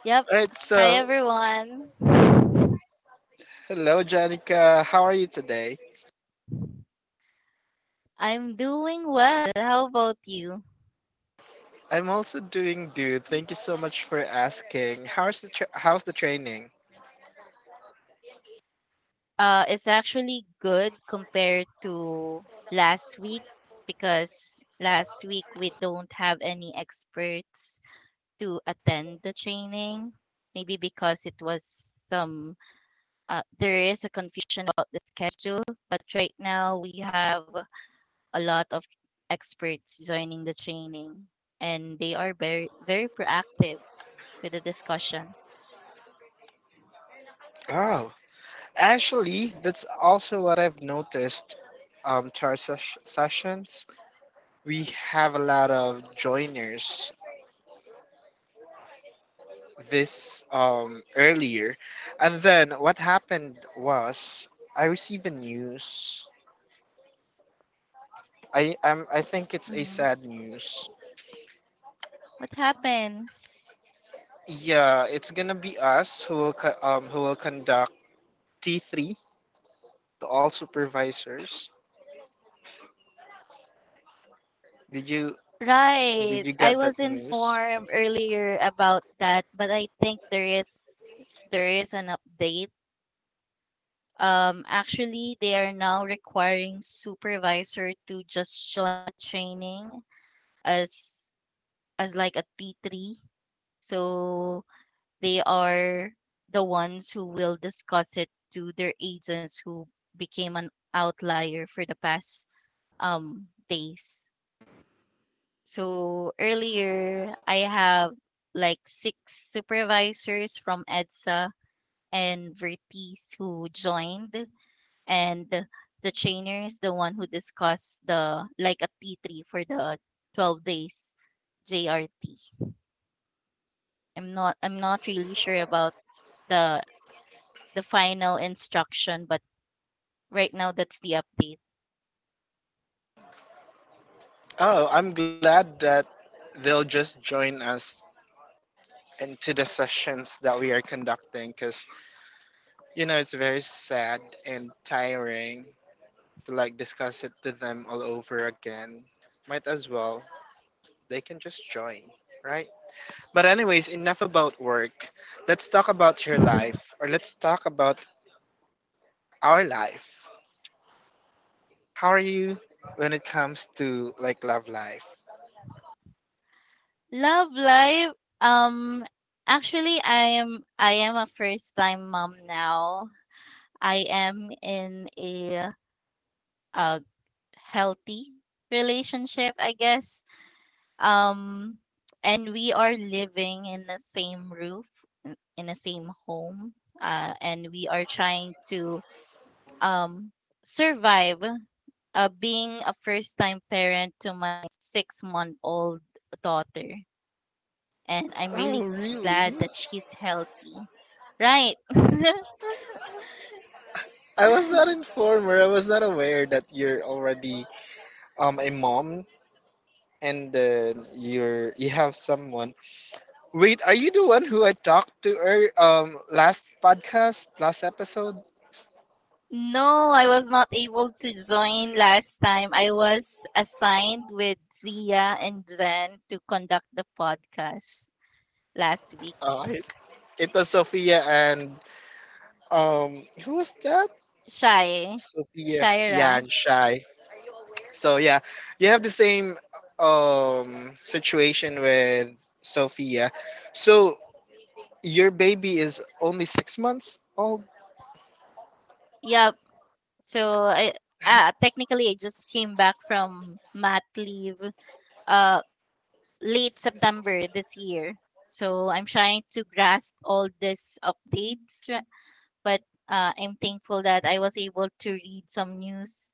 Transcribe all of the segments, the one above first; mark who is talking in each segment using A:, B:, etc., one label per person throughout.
A: Yep. Hi everyone. I'm doing well. How about you? It's actually good compared to last week because last week we don't have any experts to attend the training. Maybe because it was some, there is a confusion about the schedule, but right now we have a lot of experts joining the training and they are very very proactive with the discussion.
B: Oh, actually, that's also what I've noticed. To our sessions, we have a lot of joiners this earlier, and then what happened was I received a news. I think it's a
A: Hmm.
B: sad news.
A: What happened?
B: Yeah, it's gonna be us who will conduct T3 to all supervisors. Did you did
A: Right.
B: you
A: I
B: get
A: was
B: that news?
A: informed earlier about that, but I think there is an update. Actually, they are now requiring supervisor to just join the training as as like a T three. So they are the ones who will discuss it to their agents who became an outlier for the past days. So earlier, I have like six supervisors from EDSA and Vertis who joined, and the trainer is the one who discussed the like a T3 for the 12 days JRT. I'm not really sure about the the final instruction, but right now that's the update.
B: Oh, I'm glad that they'll just join us into the sessions that we are conducting because, it's very sad and tiring to like discuss it to them all over again. Might as well, they can just join, right? But, anyways, enough about work. Let's talk about your life, or let's talk about our life. How are you when it comes to like love life?
A: Love life, um, actually, I am a first time mom now. I am in a, uh healthy relationship, I guess. Um, and we are living in the same roof, in the same home, and we are trying to um, survive, being a first time parent to my 6 month old daughter. And I'm
B: Oh,
A: really glad
B: really?
A: that she's healthy. Right.
B: I was not informer. I was not aware that you're already a mom, and then you have someone. Wait, are you the one who I talked to ear last podcast, last episode?
A: No, I was not able to join last time. I was assigned with Zia and Zen to conduct the podcast last week.
B: Uh, I- it was Sophia and who was that?
A: Shy,
B: Sophia, yeah,
A: Shaira,
B: and Shy. So yeah, you have the same situation with Sophia. So your baby is only 6 months old.
A: Yep. So I technically I just came back from mat leave uh late September this year. So I'm trying to grasp all these updates, but I'm thankful that I was able to read some news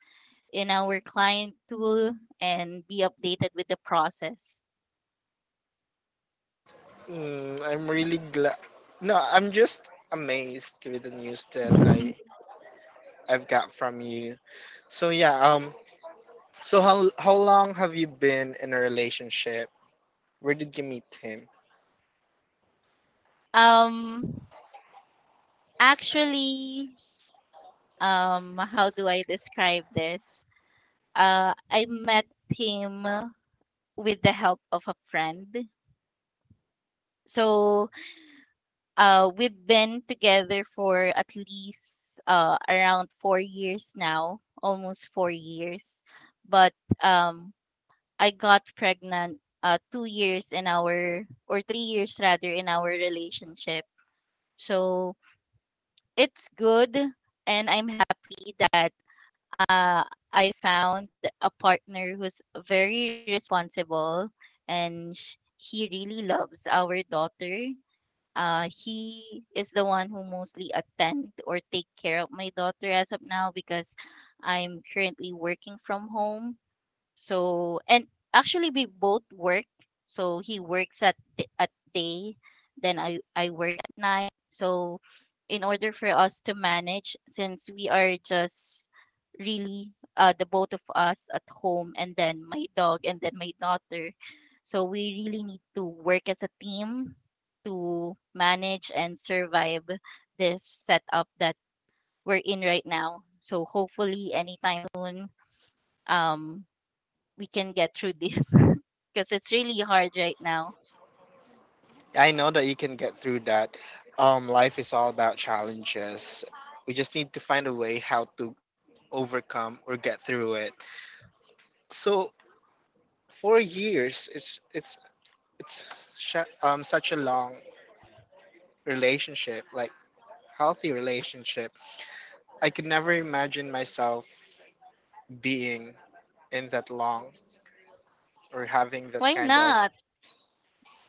A: in our client tool and be updated with the process.
B: Mm, I'm really glad. No, I'm just amazed with the news that I I've got from you. So yeah, so how long have you been in a relationship? Where did you meet him?
A: um, Actually, how do I describe this? I met him with the help of a friend. So, we've been together for at least, around 4 years now, almost 4 years. But um, I got pregnant, 2 years in our, or 3 years rather, in our relationship. So it's good. And I'm happy that, uh, I found a partner who's very responsible and he really loves our daughter. He is the one who mostly attend or take care of my daughter as of now because I'm currently working from home. So, and actually we both work. So he works at day, then I work at night. So in order for us to manage since we are just really the both of us at home and then my dog and then my daughter. So we really need to work as a team to manage and survive this setup that we're in right now. So hopefully anytime soon, um we can get through this because it's really hard right now.
B: I know that you can get through that. Life is all about challenges. We just need to find a way how to overcome or get through it. So 4 years, it's such a long relationship, like healthy relationship. I could never imagine myself being in that long, or having that
A: Why
B: kind of,
A: not?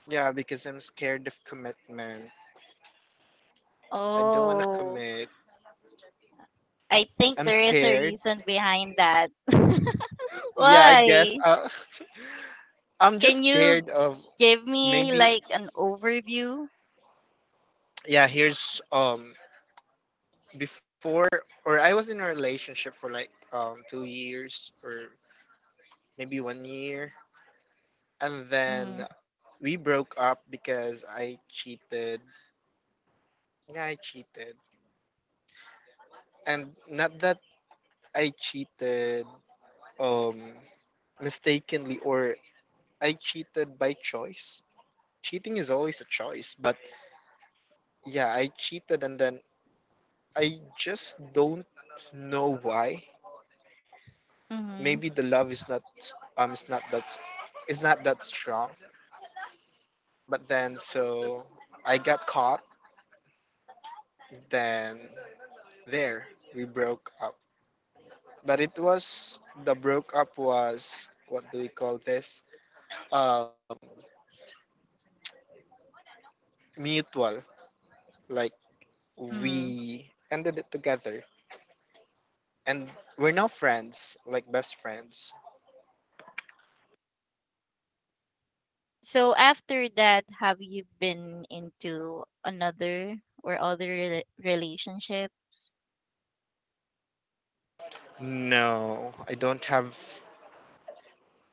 B: yeah, because I'm scared of commitment. I don't want to
A: Oh,
B: commit.
A: I think
B: I'm
A: there is a
B: scared.
A: reason behind that.
B: Yeah, I guess,
A: Why?
B: I'm just
A: Can you
B: scared of,
A: give me
B: maybe,
A: like an overview?
B: yeah, here's, before, or I was in a relationship for like 2 years or maybe 1 year, and then
A: Mm-hmm.
B: we broke up because I cheated. Yeah, I cheated, and not that I cheated um mistakenly, or I cheated by choice. Cheating is always a choice, but yeah, I cheated, and then I just don't know why. Maybe
A: Mm-hmm.
B: the love is not s- is not that s- is not that strong. But then so I got caught, then there we broke up. But it was, the broke up was, what do we call this? Um mutual. Like,
A: Mm-hmm.
B: we ended it together, and we're now friends, like best friends.
A: So after that, have you been into another or other relationships?
B: No, i don't have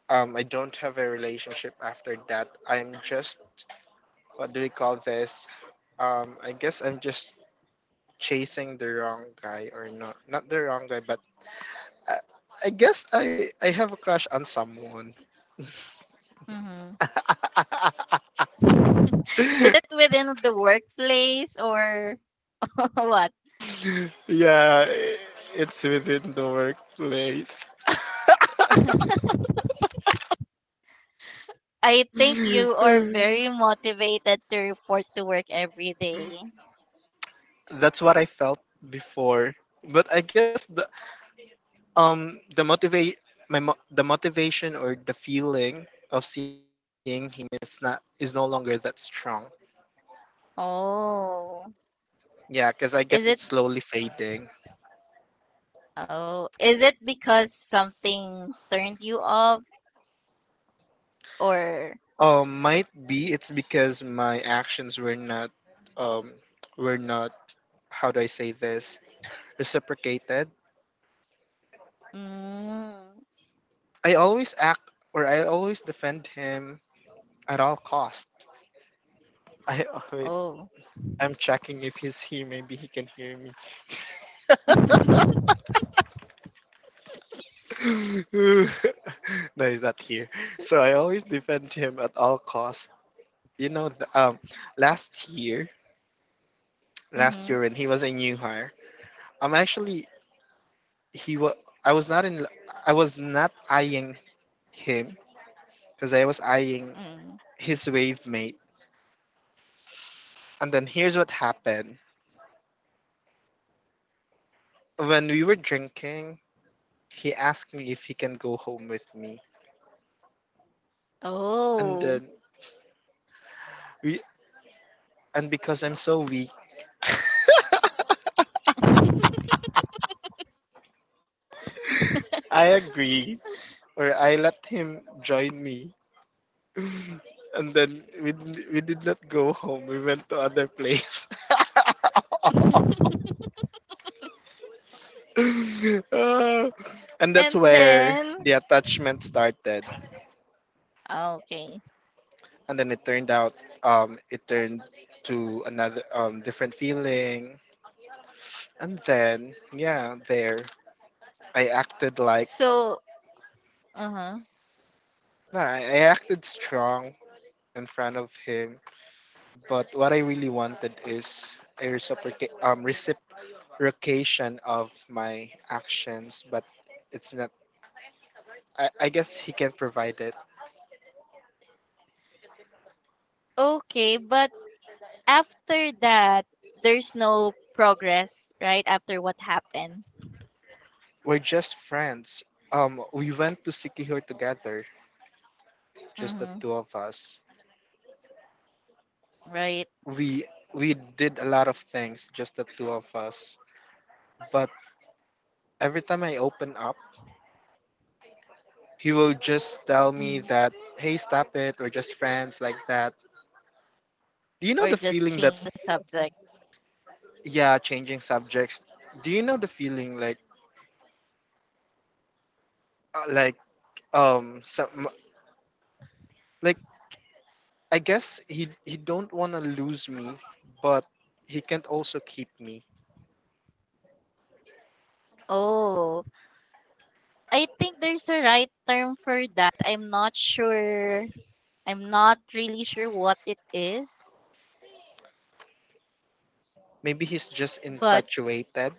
B: um i don't have a relationship after that. I'm just what do we call this, I guess I'm just chasing the wrong guy, or not the wrong guy, but i, I guess I have a crush on someone.
A: Mm-hmm. Is it within the workplace or what?
B: Yeah, it's within the workplace.
A: I think you are very motivated to report to work every day.
B: That's what I felt before. But I guess the motivate my mo- the motivation or the feeling of seeing him is no longer that strong.
A: Oh.
B: Yeah, because I guess
A: Is
B: it's
A: it
B: slowly fading.
A: oh, is it because something turned you off, or
B: Might be it's because my actions um were not, how do I say this, reciprocated.
A: Mm.
B: I always act, or I always defend him at all cost. I wait,
A: Oh.
B: I'm checking if he's here. Maybe he can hear me. No, he's not here. So I always defend him at all costs. You know, the, last year, last year
A: Mm-hmm.
B: when he was a new hire, I'm actually he was I was not in I was not eyeing him because I was eyeing
A: Mm.
B: his wave mate. And then here's what happened when we were drinking. He asked me if he can go home with me, and
A: Oh.
B: then we and because I'm so weak, I agree, or I let him join me. And then we did not go home. We went to other place. Ah, and that's
A: And
B: where the
A: then
B: attachment started.
A: okay.
B: And then it turned out, it turned to another different feeling. And then yeah, there I acted like,
A: So, uh-huh.
B: I acted strong in front of him, but what I really wanted is a reciprocation of my actions, but it's not, I guess he can provide it.
A: Okay, but after that there's no progress, right? After what happened.
B: We're just friends. We went to Sikihor together, just the
A: Mm-hmm.
B: two of us.
A: Right.
B: We we did a lot of things, just the two of us. But every time I open up, he will just tell me
A: Mm,
B: that, "Hey, stop it. We're just friends," like that. Do you know
A: or
B: the
A: just
B: feeling that?
A: change the subject.
B: Yeah, changing subjects. Do you know the feeling like, like, some, like, I guess he don't want to lose me, but he can't also keep me.
A: Oh, I think there's a right term for that. I'm not sure. I'm not really sure what it is,
B: Maybe he's just
A: but
B: infatuated.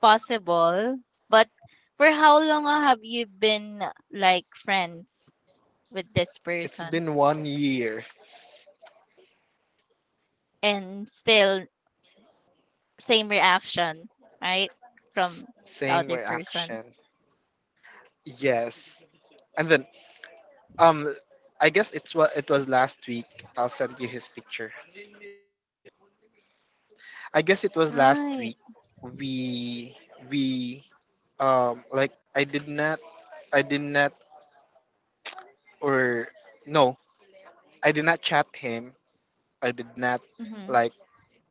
A: possible. But for how long, have you been like friends with this
B: It's
A: person?
B: been 1 year.
A: And still same reaction, right?
B: S-
A: From the
B: same
A: other person.
B: reaction. Yes. And then um I guess it's what it was last week. I'll send you his picture. I guess it was last
A: Right.
B: week we we like I did not I did not or no, I did not chat him. I did not, like,
A: Mm-hmm.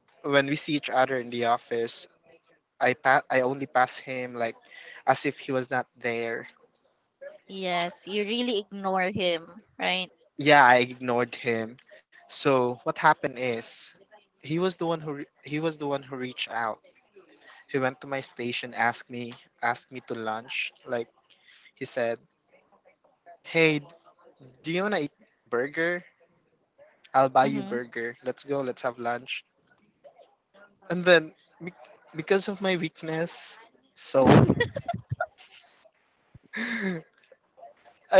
B: when we see each other in the office, I only pass him, like, as if he was not there.
A: Yes, you really ignore him, right?
B: Yeah, I ignored him. So what happened is he was the one who reached out. He went to my station, asked me, asked me to lunch. Like, he said, "Hey, do you wanna eat burger? I'll buy you
A: Mm-hmm.
B: burger. Let's go. Let's have lunch." And then be- because of my weakness, soul, I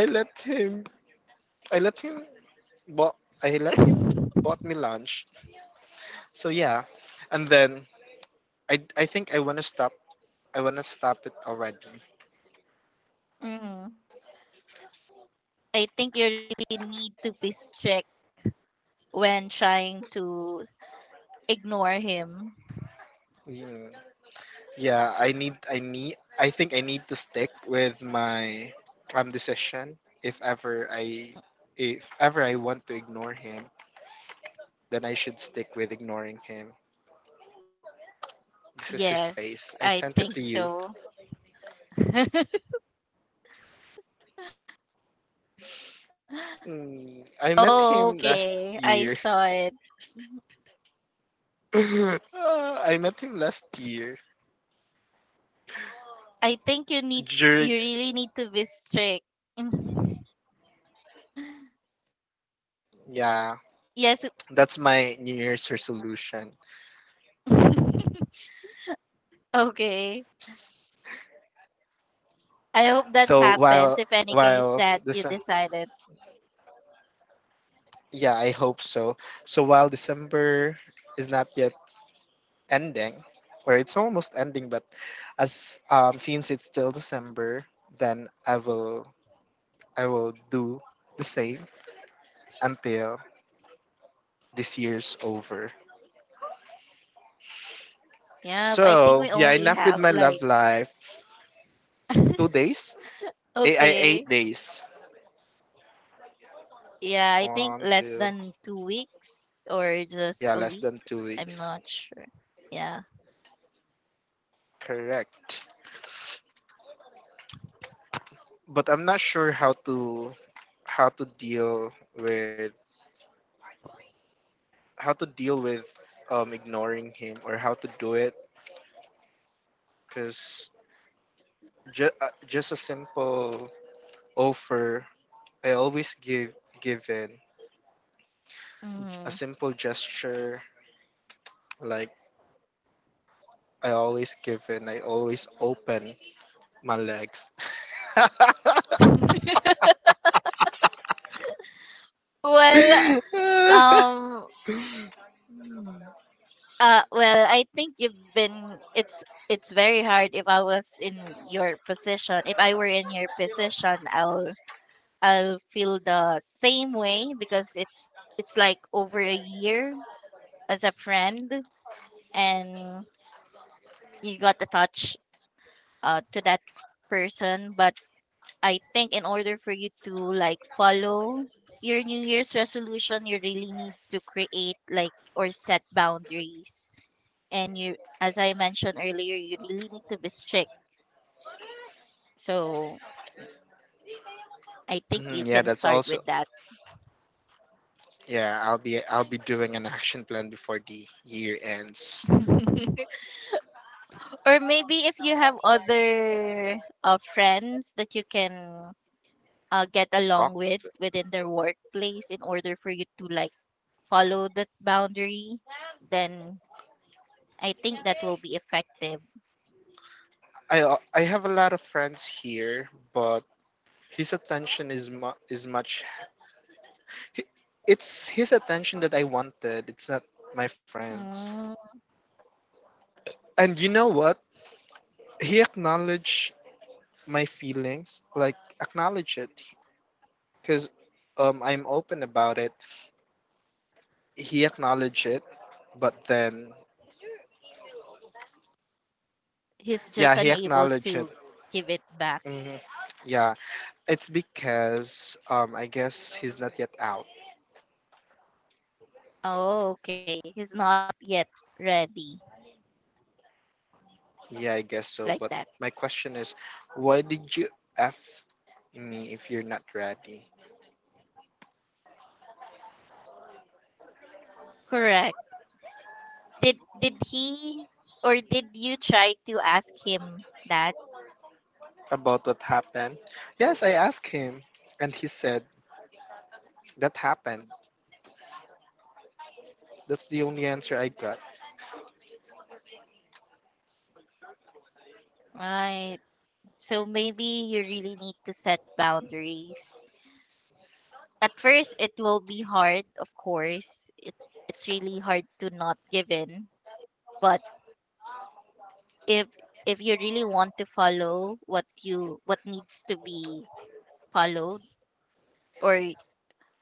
B: let him. I let him. Bought, I let him bought me lunch. So yeah, and then I I think I wanna stop I wanna stop it already.
A: Mm. I think you really need to be strict when trying to ignore him.
B: Yeah. Yeah, I think I need to stick with my calm decision. If ever I, if ever I want to ignore him, then I should stick with ignoring him. This is his face. I
A: Yes, I
B: sent it to
A: think
B: you.
A: so.
B: Mm, I met him last
A: Okay,
B: year.
A: I saw it.
B: Ah, I met him last year
A: I think you
B: during.
A: really need to be strict. Mm.
B: Yeah,
A: Yes.
B: that's my New Year's resolution.
A: Okay.
B: So
A: I hope that happens if
B: while
A: any
B: this
A: case that you decided.
B: Yeah, I hope so. So while December is not yet ending, or it's almost ending, but as since it's still December, then I will do the same until this year's over.
A: Yeah, I think
B: So
A: we
B: yeah,
A: only
B: enough with
A: have
B: my love
A: like
B: life. 2 days? Eh, I eight
A: okay.
B: days.
A: Yeah, I think
B: One,
A: less
B: two,
A: than 2 weeks or just
B: yeah,
A: a
B: less
A: week.
B: than two
A: I'm
B: weeks.
A: not sure. Yeah.
B: Correct. But I'm not sure how to deal with how to deal with, ignoring him, or how to do it, because just a simple offer, I always give in, a
A: Mhm.
B: simple gesture, like, I always give in, I always open my legs.
A: Well,
B: Mm.
A: um I think you've been it's very hard if I was in your position. If I were in your position, I'll feel the same way because it's like over a year as a friend and you got attached, to that person, but I think in order for you to like follow your New Year's resolution, you really need to create like or set boundaries. And you, as I mentioned earlier, you really need to be strict. So I think you
B: Mm, yeah,
A: can
B: that's
A: start
B: also.
A: with that.
B: Yeah, I'll be doing an action plan before the year ends.
A: Or maybe if you have other, friends that you can, get along
B: Talk
A: with
B: to-
A: within their workplace in order for you to like follow that boundary, then I think that will be effective.
B: I have a lot of friends here, but his attention is is much. He- It's his attention that I wanted. It's not my friends.
A: Mm,
B: And you know what? He acknowledged my feelings, like acknowledge it, because I'm open about it. He acknowledged it, but then
A: he's
B: yeah,
A: just
B: he
A: unable
B: acknowledged it.
A: to give it back.
B: Hmm. Yeah, it's because, I guess he's not yet out.
A: Oh, okay. He's not yet ready
B: Yeah, I guess so. But
A: like that.
B: my question is, why did you f me if you're not ready?
A: Correct. Did he or did you try to ask him that?
B: About what happened? Yes, I asked him, and he said, that happened. That's the only answer I got.
A: Right. So maybe you really need to set boundaries. At first it will be hard, of course. It's really hard to not give in, but if if you really want to follow what needs to be followed or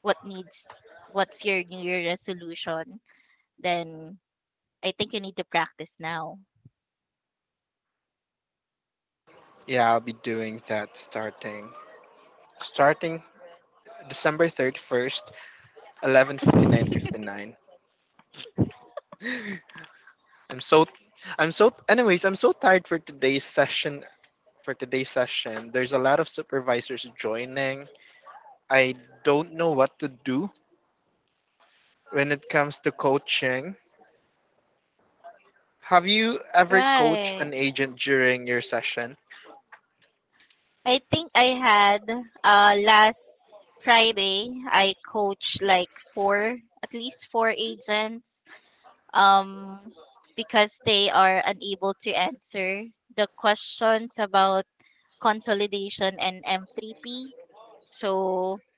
A: what needs what's your New Year resolution, then I think you need to practice now.
B: Yeah, I'll be doing that starting December 31st, 11:59:59. I'm so I'm so anyways, I'm so tired for today's session. There's a lot of supervisors joining. I don't know what to do when it comes to coaching. Have you ever coached an
A: Right.
B: agent during your session?
A: I think I had last Friday I coached like four at least four agents, um because they are unable to answer the questions about consolidation and M3P. So,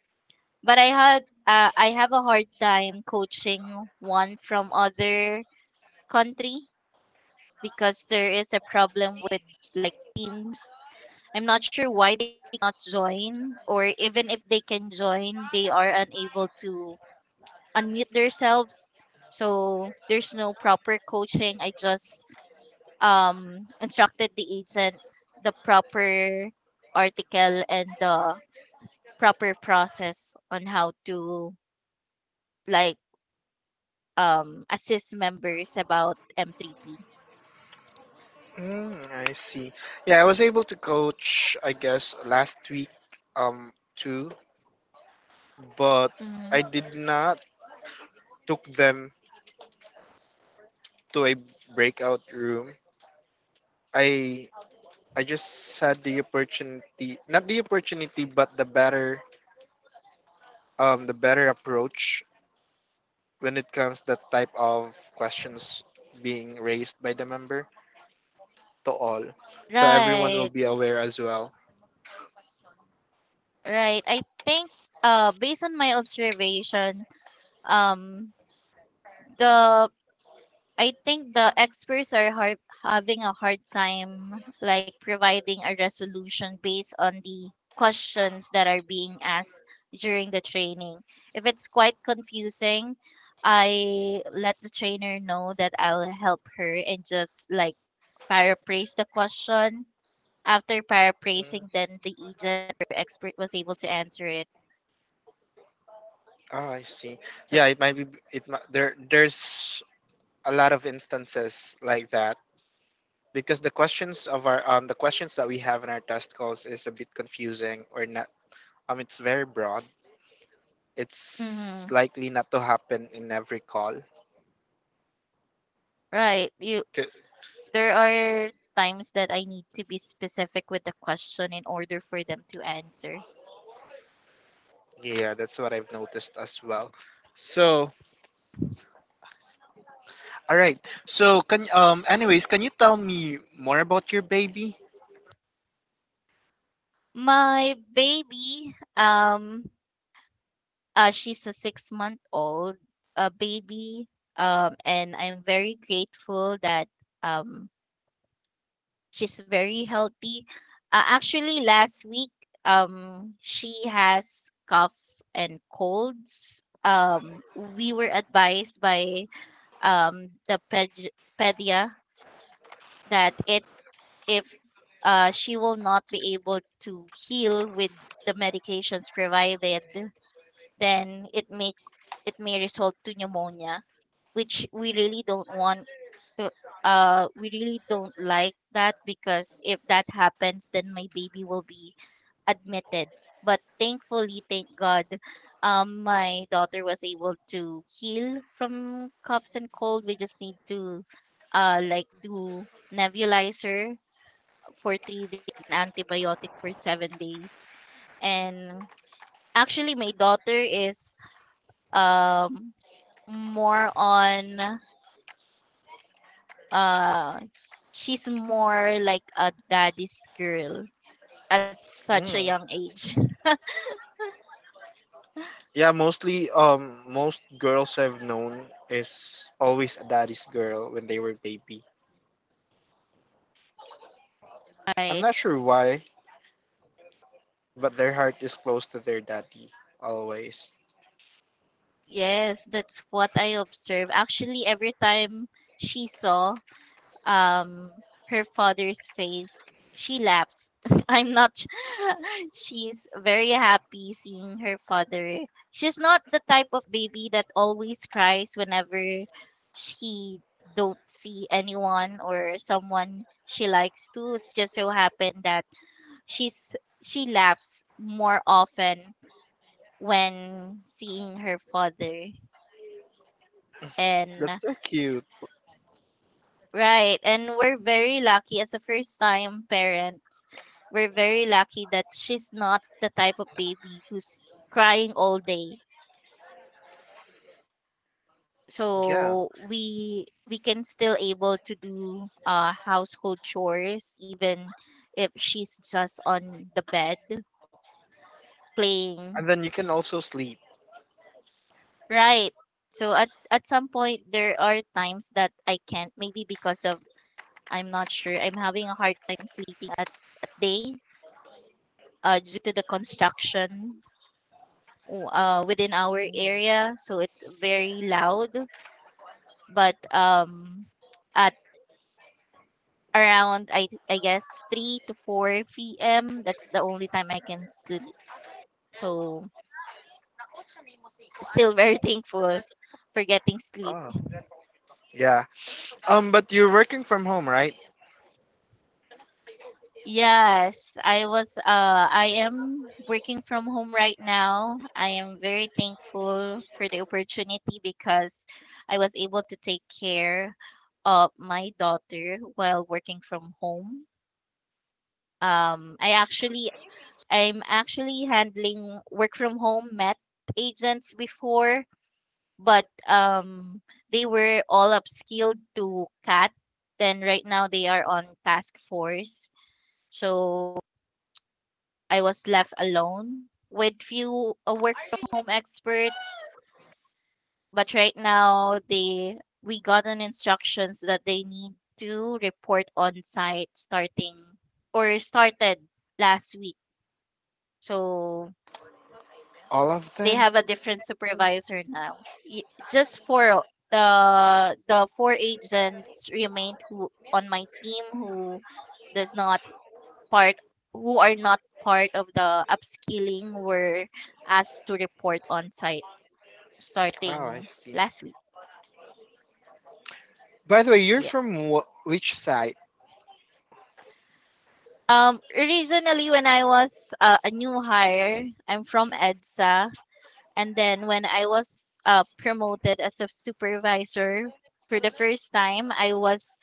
A: but I have a hard time coaching one from other country because there is a problem with like teams. I'm not sure why they cannot join, or even if they can join, they are unable to unmute themselves. So there's no proper coaching. I just, instructed the agent the proper article and the proper process on how to like, assist members about M3P.
B: Mm, I see. Yeah, I was able to coach, I guess, last week, too, but
A: Mhm.
B: I did not took them to a breakout room. I I just had the opportunity, not the opportunity, but the better approach when it comes that type of questions being raised by the member to all, so everyone will
A: Right.
B: be aware as well.
A: Right. I think, based on my observation, um the I think the experts are having a hard time like providing a resolution based on the questions that are being asked during the training. If it's quite confusing, I let the trainer know that I'll help her and just like paraphrase the question. After
B: Mm.
A: paraphrasing, then the agent or expert was able to answer it.
B: Ah, I see. Yeah,
A: So.
B: it might be. It mi- there. There's a lot of instances like that because the questions that we have in our test calls is a bit confusing or not, it's very broad,
A: Mhm.
B: it's likely not to happen in every call.
A: Right. You There are times that I need to be specific with the question in order for them to answer.
B: 'Kay, yeah, that's what I've noticed as well. So, all right. So, can, anyways, can you tell me more about your baby?
A: My baby, she's a 6 month old, baby, and I'm very grateful that, um she's very healthy. Actually, last week, she has cough and colds. We were advised by, the pedia that it, if she will not be able to heal with the medications provided, then it may result to pneumonia, which we really don't want to, we really don't like that, because if that happens, then my baby will be admitted. But thankfully, thank God, my daughter was able to heal from coughs and cold. We just need to, like do nebulizer for 3 days and antibiotic for 7 days. And actually, my daughter is, um, more on uh, she's more like a daddy's girl at such a
B: Mm.
A: young age.
B: Yeah, mostly most girls I've known is always a daddy's girl when they were baby. I'm
A: Right.
B: not sure why. But their heart is close to their daddy always.
A: Yes, that's what I observe. Actually, every time she saw, her father's face, she laughs. I'm not sh- she's very happy seeing her father. She's not the type of baby that always cries whenever she don't see anyone or someone she likes to. It's just so happened that she's she laughs more often when seeing her father.
B: That's
A: And
B: so cute.
A: right, and we're very lucky as a first time parents. We're very lucky that she's not the type of baby who's crying all day.
B: Yeah.
A: So we can still able to do, household chores even if she's just on the bed
B: And
A: playing.
B: then you can also sleep.
A: Right. So at some point there are times that I can't maybe because of I'm not sure I'm having a hard time sleeping at day, due to the construction within our area, so it's very loud. But at around, I guess 3 to 4 p.m. That's the only time I can sleep. So still very thankful for getting sleep.
B: Oh, yeah. But you're working from home, right?
A: Yes, I am working from home right now. I am very thankful for the opportunity because I was able to take care of my daughter while working from home. Um I actually I'm actually handling work from home met agents before, but, they were all upskilled to CAT. Then right now they are on task force. So I was left alone with few, work from home experts, but right now, they we gotten instructions that they need to report on site starting or started last week. So
B: All of
A: they
B: them?
A: have a different supervisor now. Just for the four agents remained who on my team, does not part who are not part of the upskilling, were asked to report on site
B: Oh, I
A: starting
B: see.
A: last week.
B: By the way, you're
A: Yeah.
B: from which side?
A: Originally when I was, a new hire, I'm from EDSA. And then when I was, promoted as a supervisor for the first time, I was,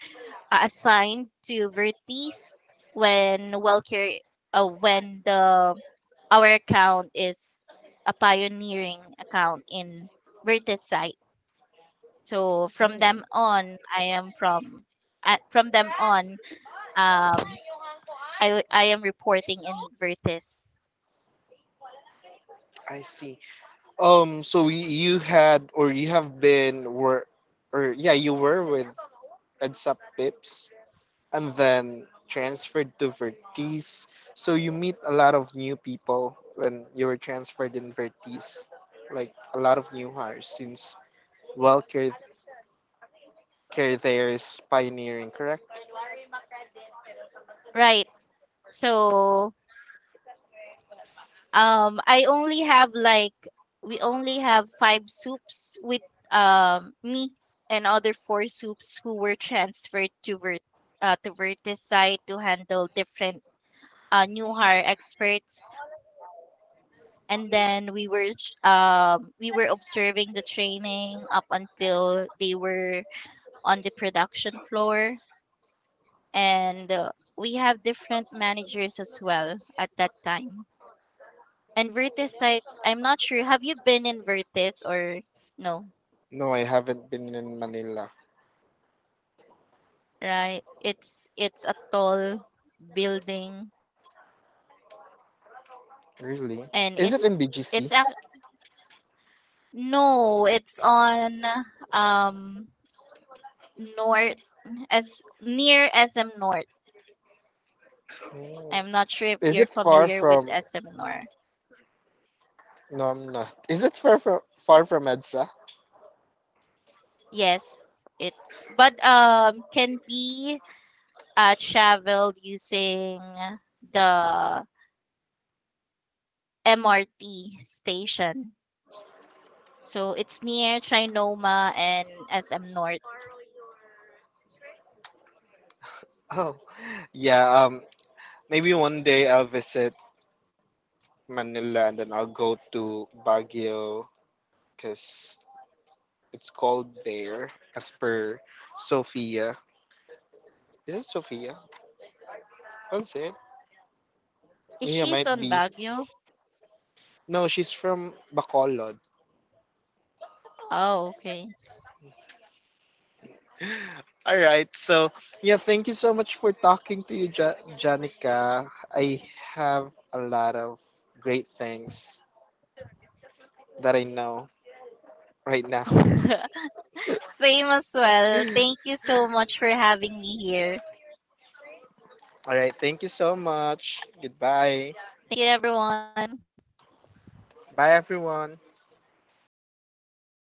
A: assigned to Vertis when WellCare, when the our account is a pioneering account in Vertis site. So from
B: Hmm,
A: them on, I am from them on, um, I am reporting in Vertis.
B: I see. So you have been were or yeah, you were with EdSap Pips, and then transferred to Vertice. So you meet a lot of new people when you were transferred in Vertice, like a lot of new hires since Welker Care there is pioneering, correct?
A: Right. So. I only have like we only have five soups with, me and other four soups who were transferred to Vertis side to handle different, new hire experts. And then we were observing the training up until they were on the production floor, and, we have different managers as well at that time. And Vertis site, I'm not sure. Have you been in Vertis or no?
B: No, I haven't been in Manila.
A: Right? It's a tall building
B: Really?
A: and
B: Is it in BGC?
A: it's no, it's on, um north as near SM North.
B: Mm.
A: I'm not sure if
B: Is
A: you're
B: it far
A: familiar with
B: from?
A: SM North.
B: No, I'm not. Is it far from EDSA?
A: Yes, it's but, can be, traveled using the MRT station. So it's near Trinoma and SM North.
B: Oh, yeah. Maybe one day I'll visit Manila, and then I'll go to Baguio because it's called there, as per Sophia. Is it Sophia? Was it?
A: Is
B: Yeah,
A: she's
B: might
A: on
B: be.
A: Baguio?
B: No, she's from Bacolod.
A: Oh, okay.
B: All right. So, yeah, thank you so much for talking to you, Janica. I have a lot of great things that I know right now.
A: Same as well. Thank you so much for having me here.
B: All right. Thank you so much. Goodbye.
A: Thank you, everyone.
B: Bye, everyone.